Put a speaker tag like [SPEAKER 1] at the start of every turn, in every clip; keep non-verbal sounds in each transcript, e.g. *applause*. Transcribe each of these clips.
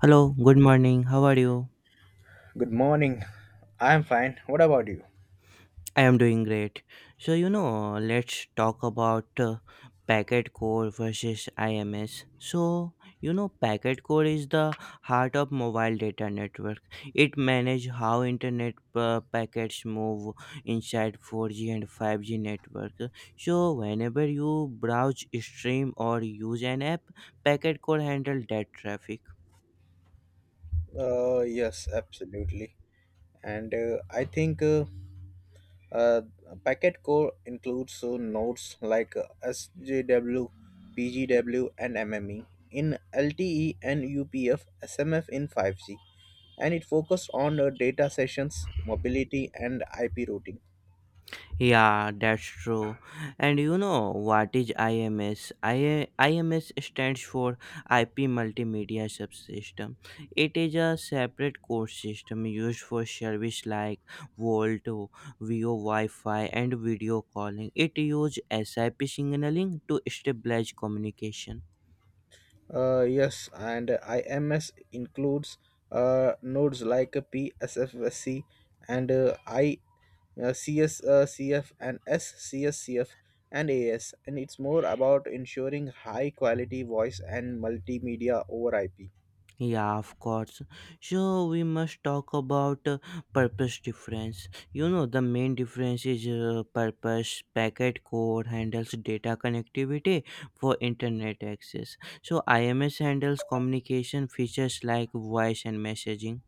[SPEAKER 1] Hello, good morning. How are you?
[SPEAKER 2] Good morning. I'm fine. What about you?
[SPEAKER 1] I am doing great. Let's talk about packet core versus IMS. Packet core is the heart of mobile data network. It manages how internet packets move inside 4G and 5G network. So, whenever you browse, stream or use an app, packet core handle that traffic.
[SPEAKER 2] Yes, absolutely. And I think uh, packet core includes nodes like SJW, and MME in LTE and UPF SMF in 5G. And it focused on data sessions, mobility, and IP routing.
[SPEAKER 1] Yeah, that's true. And you know what is IMS? IMS stands for IP Multimedia Subsystem. It is a separate core system used for service like Volt, VO Wi-Fi, and video calling. It uses SIP signaling to stabilize communication.
[SPEAKER 2] Yes, and IMS includes nodes like PSFSC and CS, CF, and SCSCF and AS, and it's more about ensuring high quality voice and multimedia over IP.
[SPEAKER 1] Yeah, of course. So we must talk about purpose difference. You know, the main difference is purpose. Packet core handles data connectivity for internet access. So IMS handles communication features like voice and messaging.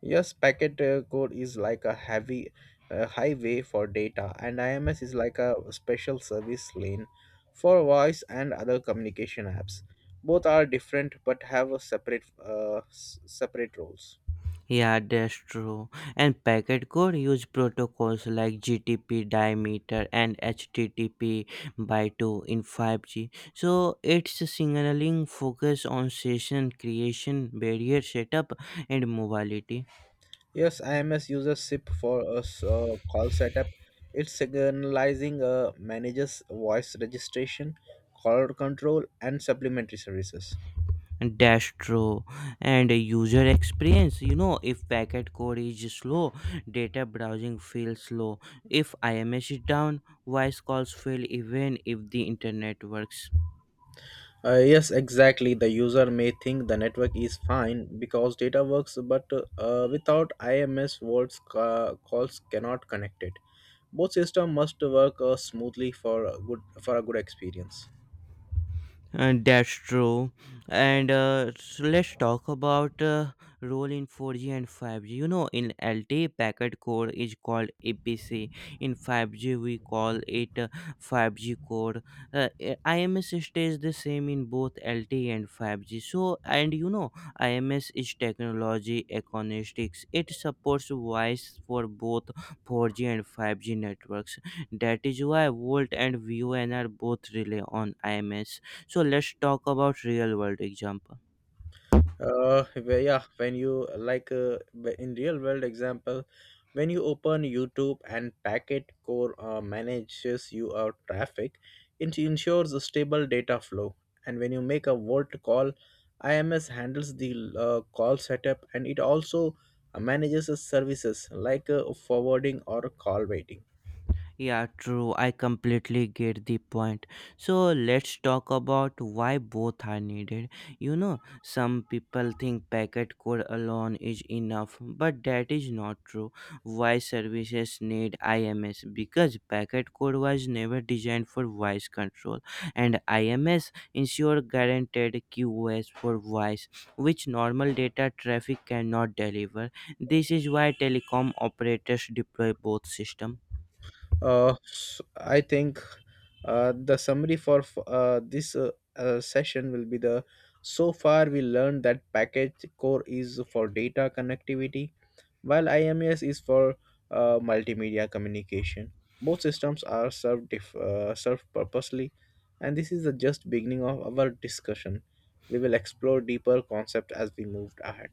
[SPEAKER 2] Yes, packet code is like a heavy highway for data, and IMS is like a special service lane for voice and other communication apps. Both are different but have a separate separate roles.
[SPEAKER 1] Yeah, that's true. And packet core use protocols like GTP diameter and HTTP by 2 in 5G. So its signaling focus on session creation, barrier setup, and mobility.
[SPEAKER 2] Yes, IMS uses SIP for a call setup. It's signalizing a manager's voice registration, call control, and supplementary services.
[SPEAKER 1] That's true. And user experience. You know, if packet core is slow, data browsing feels slow. If IMS is down, voice calls fail even if the internet works.
[SPEAKER 2] Yes, exactly. The user may think the network is fine because data works, but without IMS, voice calls cannot connect it. Both systems must work smoothly for a good experience.
[SPEAKER 1] That's true. And so let's talk about role in 4G and 5G. You know, in LTE packet core is called APC. In 5G, we call it 5G core. IMS stays the same in both LTE and 5G. IMS is technology agnostics. It supports voice for both 4G and 5G networks. That is why Volt and VON are both rely on IMS. So let's talk about real world example.
[SPEAKER 2] Yeah, when you like wh- in real world example when you open YouTube and packet core manages your traffic. It ensures a stable data flow. And when you make a volt call, ims handles the call setup, and it also manages the services like forwarding or call waiting.
[SPEAKER 1] Yeah, true. I completely get the point. So let's talk about why both are needed. You know, some people think packet code alone is enough, but that is not true. Voice services need IMS because packet code was never designed for voice control, and IMS ensure guaranteed QoS for voice, which normal data traffic cannot deliver. This is why telecom operators deploy both systems.
[SPEAKER 2] I think the summary for this session. Will be the So far we learned that package core is for data connectivity while IMS is for multimedia communication. Both systems are served served purposely, and this is the just beginning of our discussion. We will explore deeper concept as we moved ahead.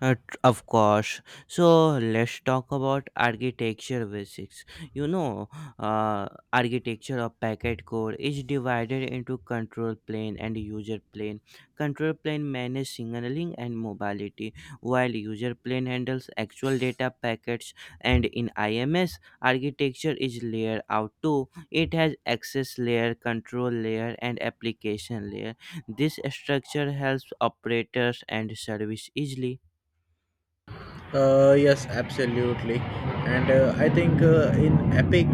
[SPEAKER 1] Of course. So let's talk about architecture basics. You know, Architecture of packet core is divided into control plane and user plane. Control plane manages signaling and mobility, while user plane handles actual data packets. And in IMS, architecture is layered out too. It has access layer, control layer, and application layer. This structure helps operators and service easily.
[SPEAKER 2] Yes, absolutely. And I think in Epic,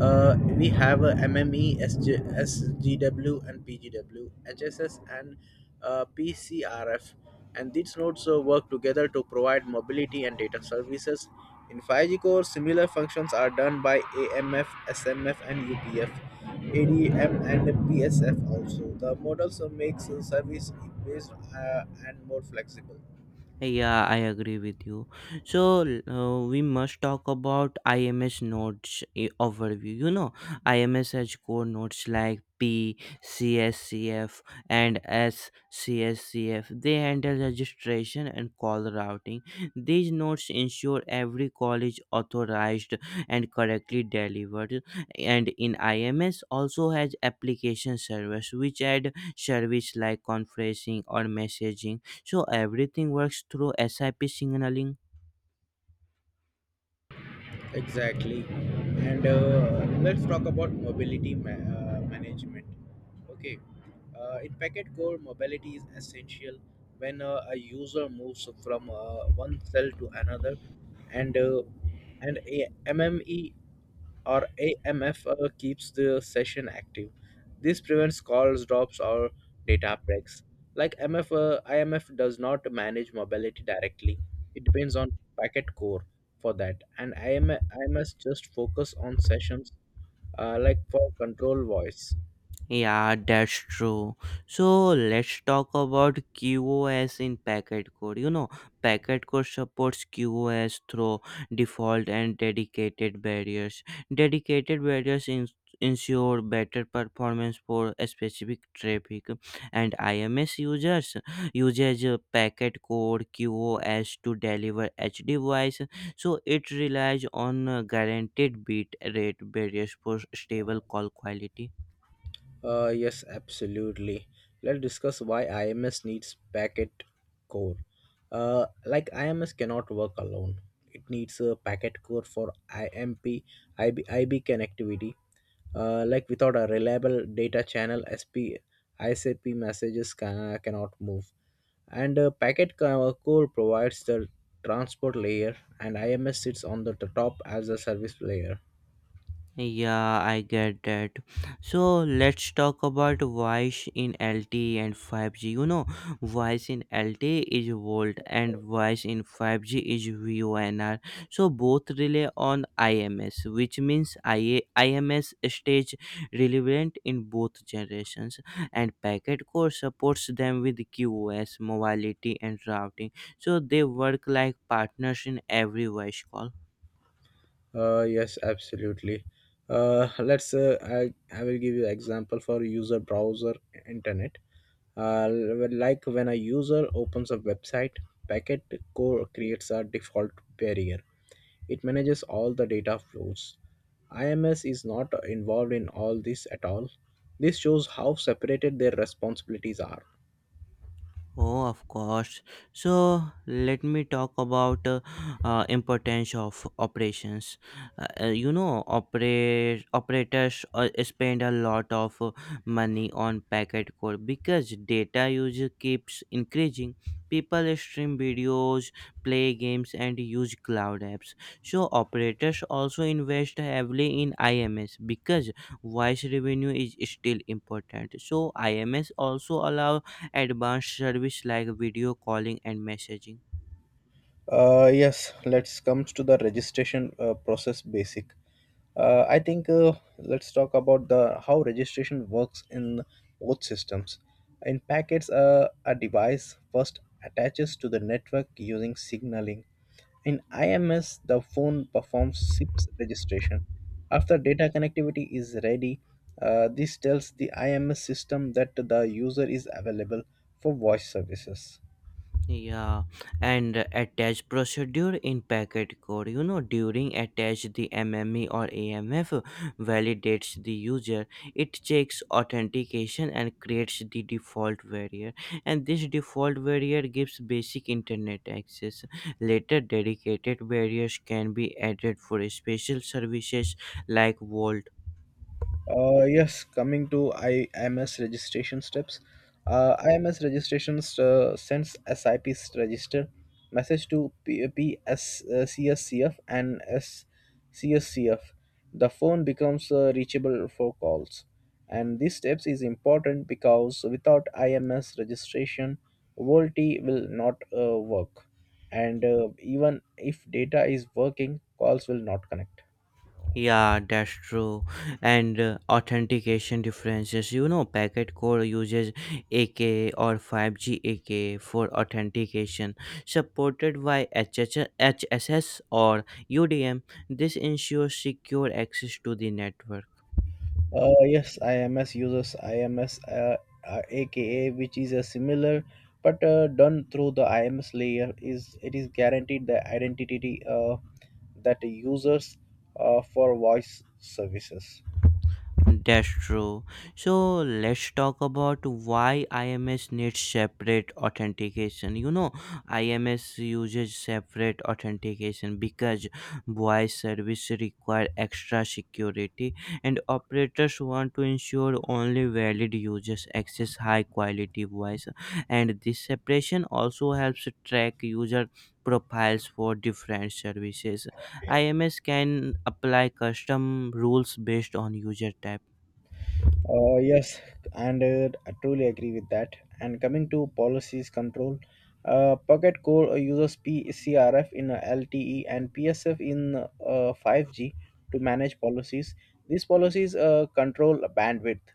[SPEAKER 2] we have MME, SGW, and PGW, HSS, and PCRF. And these nodes work together to provide mobility and data services. In 5G Core, similar functions are done by AMF, SMF, and UPF, ADM, and PSF also. The models makes service based, and more flexible.
[SPEAKER 1] Yeah, I agree with you. So we must talk about IMS nodes overview. You know, IMS has core nodes like P, CSCF, and S, CSCF. They handle registration and call routing. These nodes ensure every call is authorized and correctly delivered. And in IMS also has application service, which add service like conferencing or messaging. So everything works through sip signaling.
[SPEAKER 2] Exactly. And let's talk about mobility management. Okay. In Packet Core, mobility is essential when a user moves from one cell to another, and uh, and a MME or AMF keeps the session active. This prevents calls, drops, or data breaks. Like MF, IMF does not manage mobility directly. It depends on packet core for that, and IMS just focus on sessions, like for control voice.
[SPEAKER 1] Yeah, that's true. So let's talk about QoS in packet code. You know, packet code supports QoS through default and dedicated barriers. Dedicated barriers in ensure better performance for a specific traffic, and IMS users uses packet code QoS to deliver HD voice. So it relies on guaranteed bit rate barriers for stable call quality.
[SPEAKER 2] Yes, absolutely. Let's discuss why IMS needs packet core. Like IMS cannot work alone. It needs a packet core for IMP, IB connectivity. Like without a reliable data channel, SP, ICP messages cannot move. And packet core provides the transport layer, and IMS sits on the top as a service layer.
[SPEAKER 1] Yeah, I get that. So let's talk about voice in LTE and 5G. You know, voice in LTE is volt and voice in 5G is VONR. So both rely on IMS, which means IMS stage relevant in both generations. And packet core supports them with QoS, mobility, and routing. So they work like partners in every voice call.
[SPEAKER 2] Yes, absolutely. Let's. I will give you example for user browser internet. Uh, like when a user opens a website, packet core creates a default barrier. It manages all the data flows. IMS is not involved in all this at all. This shows how separated their responsibilities are.
[SPEAKER 1] Oh, of course. So let me talk about importance of operations. You know, operate operators spend a lot of money on packet core because data usage keeps increasing. People stream videos, play games, and use cloud apps. So operators also invest heavily in IMS because voice revenue is still important. So IMS also allows advanced service like video calling and messaging.
[SPEAKER 2] Yes, let's comes to the registration process basic. I think let's talk about the how registration works in both systems. In packets, a device first attaches to the network using signaling. In IMS, the phone performs SIPS registration. After data connectivity is ready, this tells the IMS system that the user is available for voice services.
[SPEAKER 1] Yeah. And attach procedure in packet code. You know, during attach the mme or amf validates the user. It checks authentication and creates the default variant, and this default variant gives basic internet access. Later dedicated variants can be added for special services like vault.
[SPEAKER 2] Yes, coming to IMS registration steps. IMS registrations sends SIP register message to PSCSCF and SCSCF. The phone becomes reachable for calls. And these steps is important because without IMS registration, VoLTE will not work. And even if data is working, calls will not connect.
[SPEAKER 1] Yeah, that's true. And authentication differences. You know, packet core uses AK or 5G AK for authentication, supported by HHS or UDM. This ensures secure access to the network.
[SPEAKER 2] Yes, IMS uses aka, which is a similar, but done through the IMS layer. Is it is guaranteed the identity that the users for voice services.
[SPEAKER 1] That's true. So let's talk about why IMS needs separate authentication. You know, IMS uses separate authentication because voice service require extra security, and operators want to ensure only valid users access high quality voice, and this separation also helps track user profiles for different services. IMS can apply custom rules based on user type.
[SPEAKER 2] Yes, and I truly agree with that. And coming to policies control, Pocket Core uses PCRF in LTE and PSF in 5G to manage policies. These policies control bandwidth,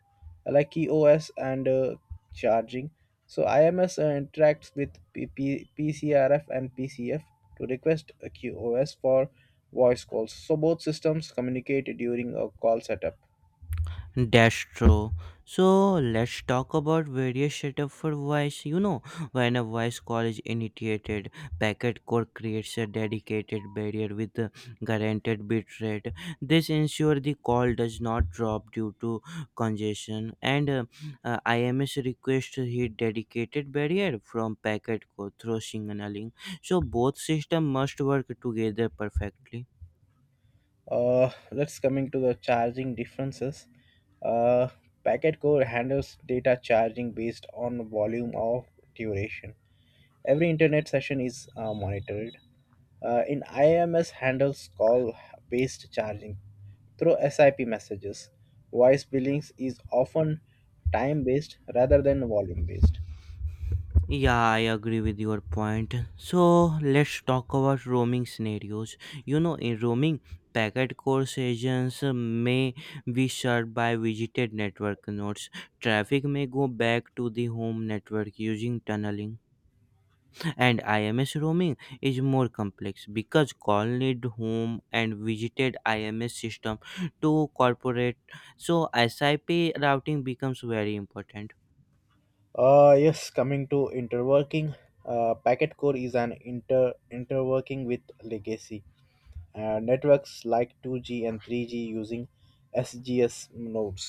[SPEAKER 2] like QoS and charging. So IMS interacts with PP PCRF and PCF to request a QoS for voice calls. So both systems communicate during a call setup.
[SPEAKER 1] That's true. So let's talk about various setup for voice. You know, when a voice call is initiated, packet core creates a dedicated barrier with a guaranteed bitrate. This ensures the call does not drop due to congestion, and IMS requests hit dedicated barrier from packet core through signaling. So both systems must work together perfectly.
[SPEAKER 2] Let's coming to the charging differences. Uh, Packet core handles data charging based on volume of duration. Every internet session is monitored. In IMS handles call based charging through SIP messages. Voice billings is often time based rather than volume based.
[SPEAKER 1] Yeah, I agree with your point. So let's talk about roaming scenarios. You know, in roaming, packet core agents may be served by visited network nodes. Traffic may go back to the home network using tunneling. And IMS roaming is more complex because call need home and visited IMS system to corporate. So SIP routing becomes very important.
[SPEAKER 2] Yes, coming to interworking, packet core is an interworking with legacy, networks like 2G and 3G using SGS nodes.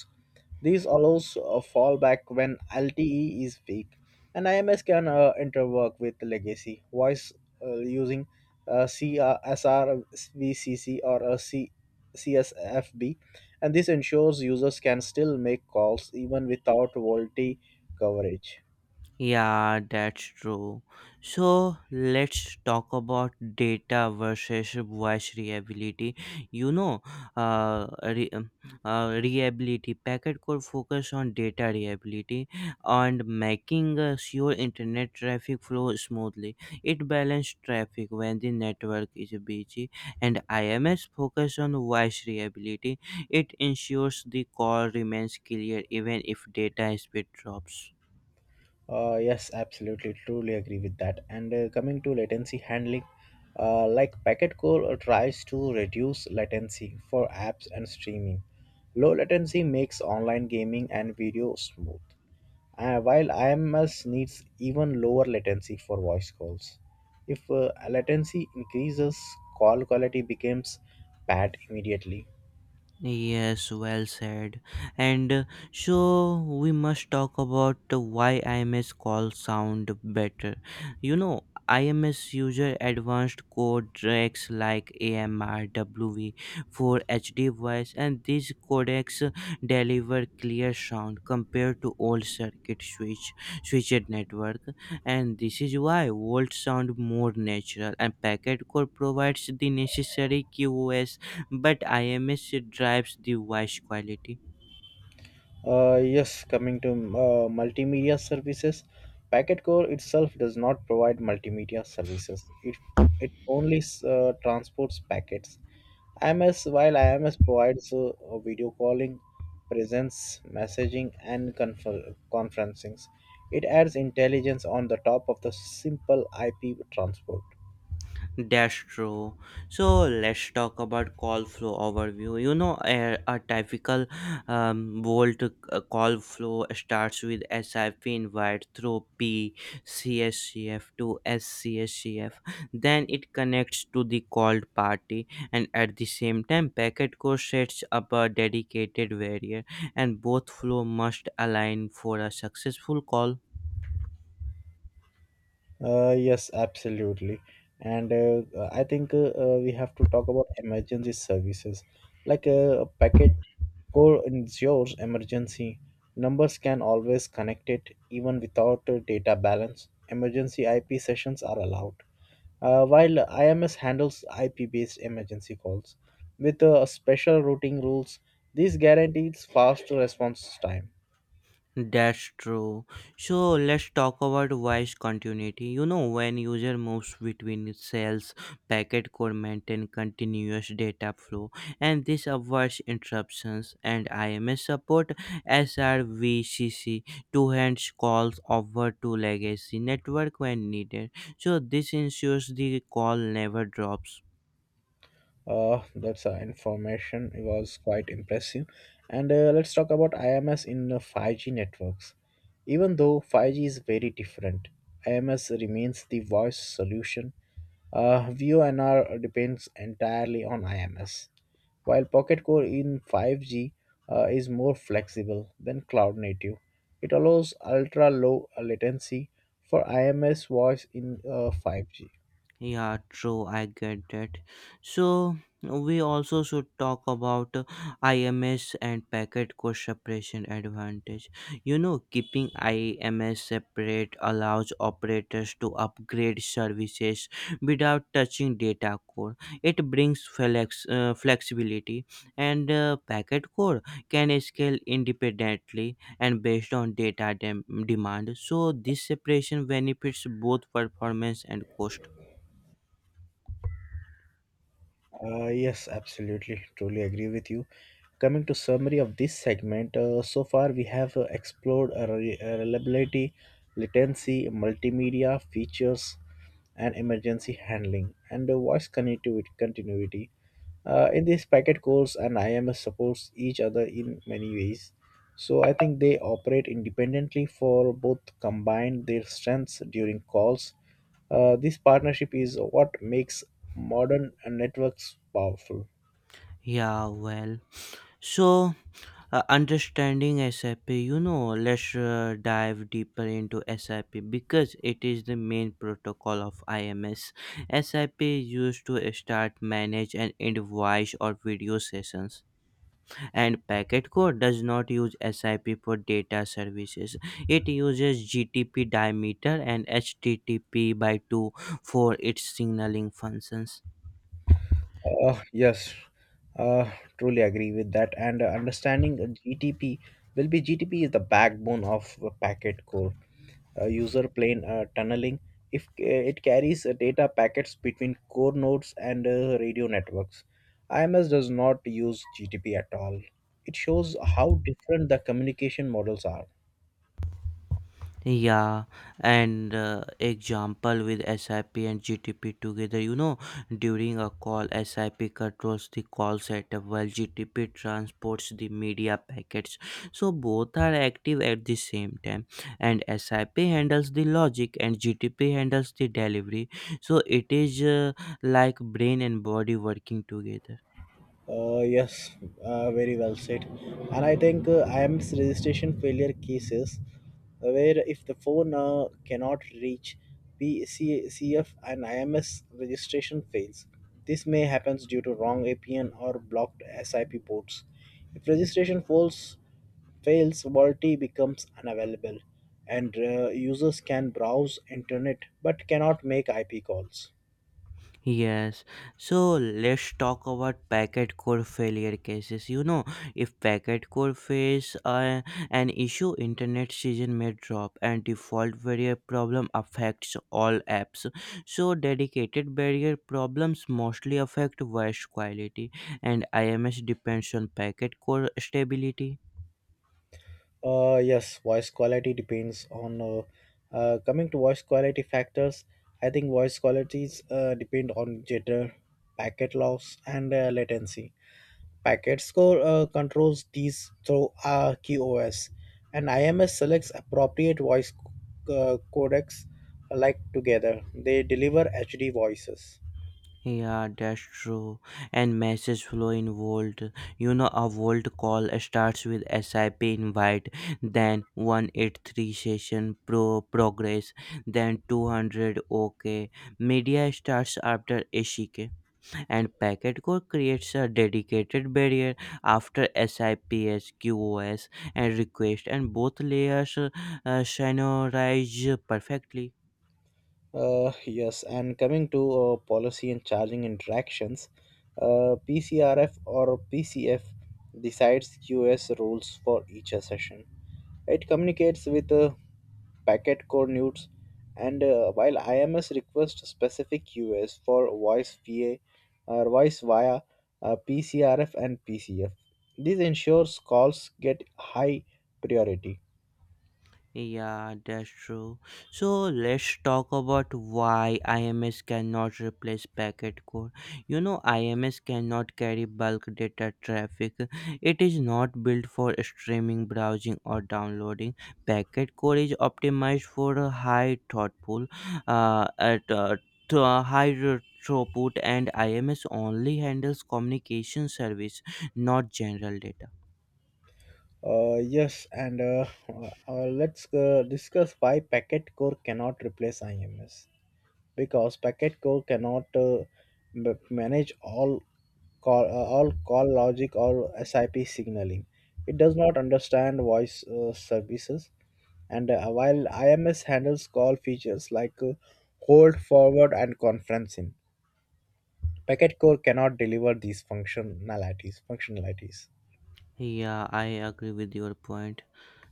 [SPEAKER 2] This allows a fallback when LTE is weak, and IMS can interwork with legacy voice using CRSRVCC or a CSFB, and this ensures users can still make calls even without VoLTE coverage.
[SPEAKER 1] Yeah, that's true. So let's talk about data versus voice reliability. You know, uh, re- um, reliability packet could focus on data reliability and making sure internet traffic flow smoothly. It balances traffic when the network is busy, and IMS focus on voice reliability. It ensures the call remains clear even if data speed drops.
[SPEAKER 2] Yes, absolutely, truly agree with that. And coming to latency handling, like packet core tries to reduce latency for apps and streaming. Low latency makes online gaming and video smooth, while IMS needs even lower latency for voice calls. If latency increases, call quality becomes bad immediately.
[SPEAKER 1] Yes, well said. And so we must talk about why IMS calls sound better. You know, IMS user advanced codecs like AMR, WV for HD voice, and these codecs deliver clear sound compared to old circuit switch switched network. And this is why Volt sound more natural, and Packet Core provides the necessary QoS, but IMS drives the voice quality.
[SPEAKER 2] Yes, coming to multimedia services, Packetcore itself does not provide multimedia services. It only transports packets. IMS while IMS provides video calling, presence, messaging, and conferencings. It adds intelligence on the top of the simple IP transport.
[SPEAKER 1] That's true. So let's talk about call flow overview. You know, a typical Volt call flow starts with SIP invite through PCSCF to SCSCF. Then it connects to the called party, and at the same time, packet core sets up a dedicated variable, and both flow must align for a successful call.
[SPEAKER 2] Yes, absolutely. And I think we have to talk about emergency services. Like a packet core ensures emergency. Numbers can always connect it even without a data balance. Emergency IP sessions are allowed. While IMS handles IP based emergency calls with special routing rules, this guarantees fast response time.
[SPEAKER 1] That's true. So let's talk about voice continuity. You know, when user moves between cells, packet could maintain continuous data flow, and this avoids interruptions. And IMS support SRVCC to hands calls over to legacy network when needed. So this ensures the call never drops.
[SPEAKER 2] That's information. It was quite impressive. And let's talk about IMS in 5G networks. Even though 5G is very different, IMS remains the voice solution. VoNR depends entirely on IMS, while Pocket Core in 5G is more flexible than cloud native. It allows ultra low latency for IMS voice in 5G.
[SPEAKER 1] Yeah, true. I get that. So we also should talk about IMS and packet cost separation advantage. You know, keeping IMS separate allows operators to upgrade services without touching data core. It brings flexibility, and packet core can scale independently and based on demand. So this separation benefits both performance and cost.
[SPEAKER 2] Yes, absolutely. Truly agree with you. Coming to summary of this segment, so far we have explored reliability, latency, multimedia features, and emergency handling, and voice connectivity continuity. In this packet course, and IMS supports each other in many ways. So I think they operate independently for both combine their strengths during calls. This partnership is what makes modern networks powerful.
[SPEAKER 1] Yeah, well, so understanding SAP, you know, let's dive deeper into SAP because it is the main protocol of IMS. SAP is used to start, manage, and end voice or video sessions. And Packet Core does not use SAP for data services, it uses GTP diameter and HTTP by 2 for its signaling functions.
[SPEAKER 2] Yes, uh, truly agree with that. And understanding the GTP will be GTP is the backbone of a packet core, user plane tunneling. If it carries data packets between core nodes and radio networks. IMS does not use GTP at all. It shows how different the communication models are.
[SPEAKER 1] Yeah, and example with SIP and GTP together, you know, during a call, SIP controls the call setup while GTP transports the media packets. So both are active at the same time, and SIP handles the logic and GTP handles the delivery. So it is like brain and body working together.
[SPEAKER 2] Yes, very well said. And I think IMS registration failure cases where if the phone cannot reach PCCF and IMS registration fails. This may happens due to wrong APN or blocked SIP ports. If registration fails, VoLTE becomes unavailable and users can browse internet but cannot make IP calls.
[SPEAKER 1] Yes, so let's talk about packet core failure cases. You know, if packet core face an issue, internet season may drop and default barrier problem affects all apps. So, dedicated barrier problems mostly affect voice quality, and IMS depends on packet core stability.
[SPEAKER 2] Yes, voice quality depends on coming to voice quality factors. I think voice qualities depend on jitter, packet loss, and latency. Packet score controls these through QoS, and IMS selects appropriate voice codecs like together. They deliver HD voices.
[SPEAKER 1] Yeah, that's true. And message flow in Vault. You know, a Vault call starts with SIP invite, then 183 session progress, then 200 OK. Media starts after ACK, and packet core creates a dedicated barrier after SIPS, QoS, and request, and both layers synchronize perfectly.
[SPEAKER 2] Yes, and coming to policy and charging interactions, PCRF or PCF decides US rules for each session. It communicates with packet core nudes, and while IMS requests specific US for voice VA or voice via PCRF and PCF. This ensures calls get high priority.
[SPEAKER 1] Yeah, that's true. So let's talk about why IMS cannot replace packet core. You know, IMS cannot carry bulk data traffic. It is not built for streaming, browsing, or downloading. Packet core is optimized for a high thoughtful, at to a high throughput, and IMS only handles communication service, not general data.
[SPEAKER 2] Yes, and let's discuss why packet core cannot replace IMS because packet core cannot manage all call logic or SIP signaling. It does not understand voice services, and while IMS handles call features like hold, forward, and conferencing, packet core cannot deliver these functionalities.
[SPEAKER 1] Yeah, I agree with your point.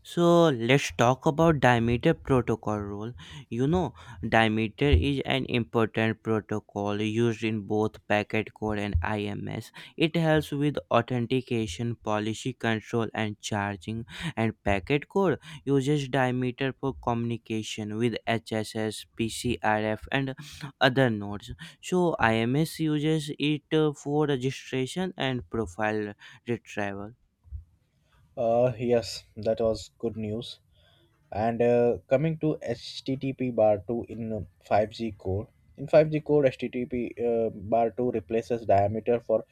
[SPEAKER 1] So let's talk about Dimeter protocol role. You know, Dimeter is an important protocol used in both packet core and IMS. It helps with authentication, policy control, and charging. And packet core uses Dimeter for communication with HSS, PCRF, and other nodes. So IMS uses it for registration and profile retrieval.
[SPEAKER 2] Yes, that was good news. And coming to HTTP bar 2 in uh, 5G core, in 5G core, HTTP bar 2 replaces diameter for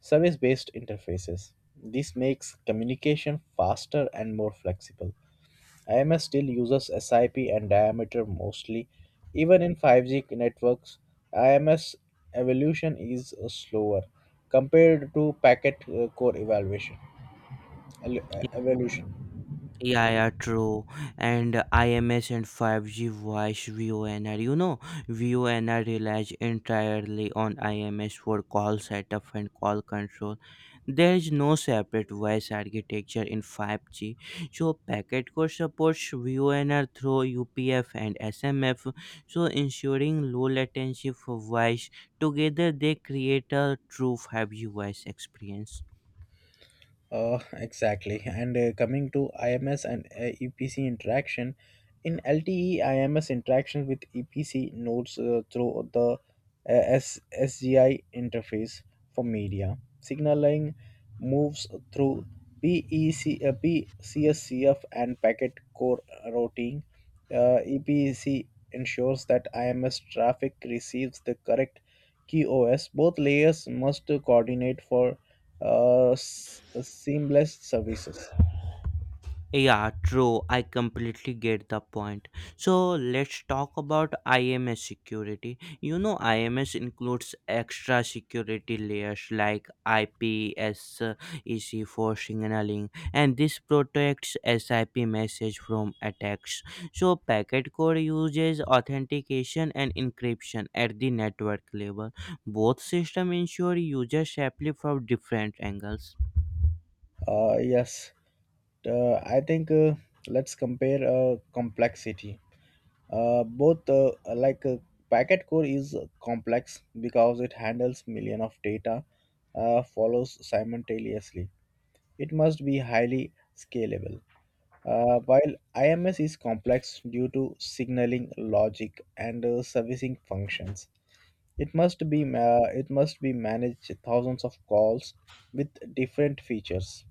[SPEAKER 2] service based interfaces. This makes communication faster and more flexible. IMS still uses SIP and diameter mostly. Even in 5G networks, IMS evolution is slower compared to packet core evaluation. Evolution.
[SPEAKER 1] Yeah, true. And IMS and 5G voice VONR. You know, VONR relies entirely on IMS for call setup and call control. There is no separate voice architecture in 5G. So, packet core supports VONR through UPF and SMF, so ensuring low latency for voice. Together, they create a true 5G voice experience.
[SPEAKER 2] *laughs* Exactly. And coming to IMS and EPC interaction, in LTE IMS interaction with EPC nodes through the SGI interface for media, signaling moves through PEC, PCSCF and packet core routing. EPC ensures that IMS traffic receives the correct QoS. Both layers must coordinate for seamless services.
[SPEAKER 1] Yeah, true. I completely get the point. So let's talk about IMS security. You know, IMS includes extra security layers like IPSec for signaling, and this protects SIP message from attacks. So packet core uses authentication and encryption at the network level. Both systems ensure user safely from different angles.
[SPEAKER 2] Yes, I think let's compare complexity. Both like Packet core is complex because it handles million of data follows simultaneously. It must be highly scalable. While IMS is complex due to signaling logic and servicing functions, it must be managed thousands of calls with different features.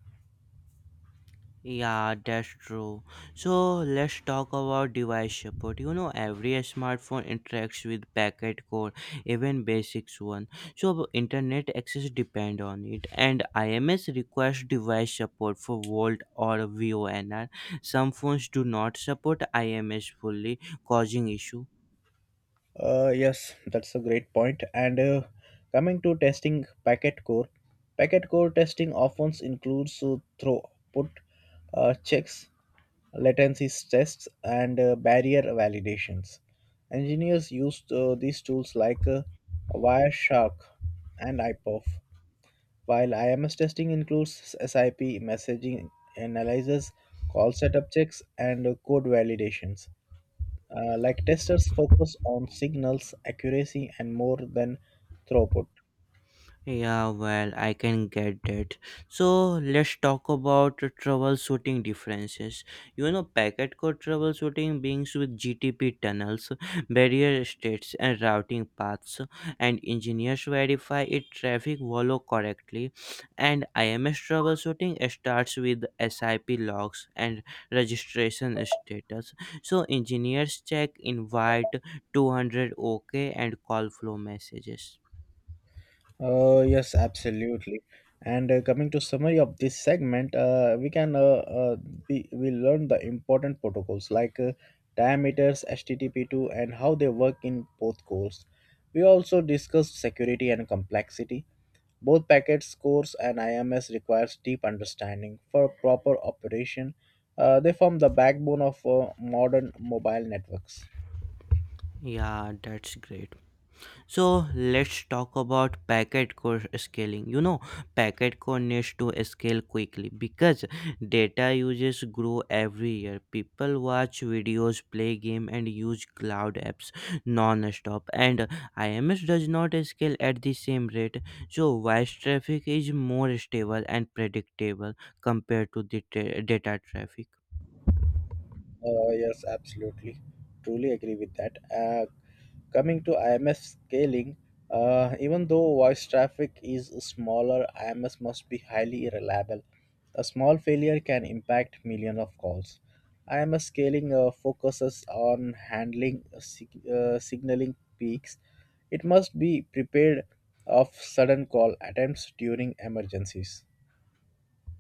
[SPEAKER 1] Yeah, that's true. So let's talk about device support. You know, every smartphone interacts with packet core, even basics one. So internet access depend on it, and IMS requires device support for Volt or VONR. Some phones do not support IMS fully, causing issue.
[SPEAKER 2] Yes, that's a great point. And coming to testing packet core testing often includes throughput checks, latency tests, and barrier validations. Engineers used these tools like Wireshark and IPOF, while IMS testing includes SIP messaging analysis, call setup checks, and code validations. Like testers focus on signals accuracy and more than throughput.
[SPEAKER 1] Yeah, well, I can get that. So let's talk about the troubleshooting differences. You know, packet core troubleshooting begins with GTP tunnels, *laughs* barrier states, and routing paths, and engineers verify it traffic follow correctly. And IMS troubleshooting starts with SIP logs and registration status. So engineers check invite 200 OK and call flow messages.
[SPEAKER 2] Yes, absolutely. And coming to summary of this segment, we can we learn the important protocols like diameters, HTTP2, and how they work in both cores. We also discussed security and complexity. Both packets, cores, and IMS requires deep understanding for proper operation. They form the backbone of modern mobile networks.
[SPEAKER 1] Yeah, that's great. So let's talk about packet core scaling. You know, packet core needs to scale quickly because data uses grow every year. People watch videos, play game, and use cloud apps non-stop. And IMS does not scale at the same rate. So voice traffic is more stable and predictable compared to the data traffic.
[SPEAKER 2] Yes, absolutely. Truly agree with that. Coming to IMS scaling, even though voice traffic is smaller, IMS must be highly reliable. A small failure can impact millions of calls. IMS scaling focuses on handling signaling peaks. It must be prepared of sudden call attempts during emergencies.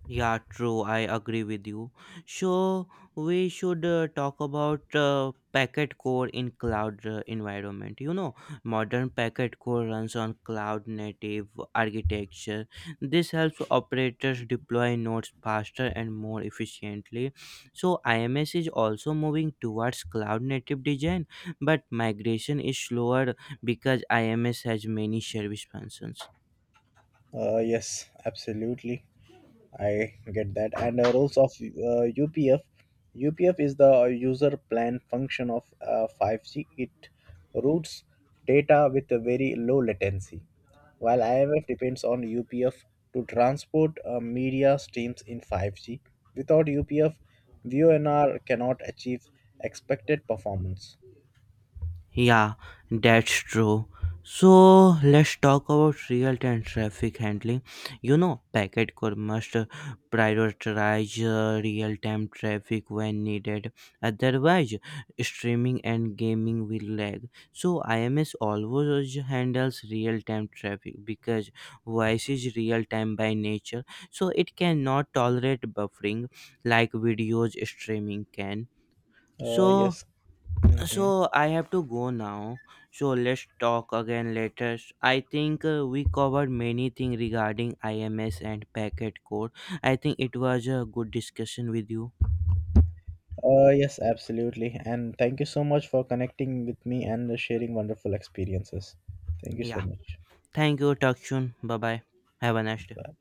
[SPEAKER 1] Yeah, true. I agree with you. So we should talk about packet core in cloud environment. You know, modern packet core runs on cloud native architecture. This helps operators deploy nodes faster and more efficiently. So IMS is also moving towards cloud native design, but migration is slower because IMS has many service functions.
[SPEAKER 2] Yes, absolutely. I get that. And roles of UPF. UPF is the user plan function of 5G. It routes data with a very low latency, while IMF depends on UPF to transport media streams in 5G. Without UPF, VONR cannot achieve expected performance.
[SPEAKER 1] Yeah, that's true. So let's talk about real time traffic handling. You know, packet core must prioritize real time traffic when needed, otherwise, streaming and gaming will lag. So, IMS always handles real time traffic because voice is real time by nature, so it cannot tolerate buffering like videos streaming can. So,
[SPEAKER 2] Yes. Mhm.
[SPEAKER 1] so, I have to go now. So let's talk again later. I think we covered many things regarding IMS and packet code. I think it was a good discussion with you.
[SPEAKER 2] Yes, absolutely. And thank you so much for connecting with me and sharing wonderful experiences. Thank you so
[SPEAKER 1] Yeah.
[SPEAKER 2] much.
[SPEAKER 1] Thank you. Talk soon. Bye bye. Have a nice day.
[SPEAKER 2] Bye.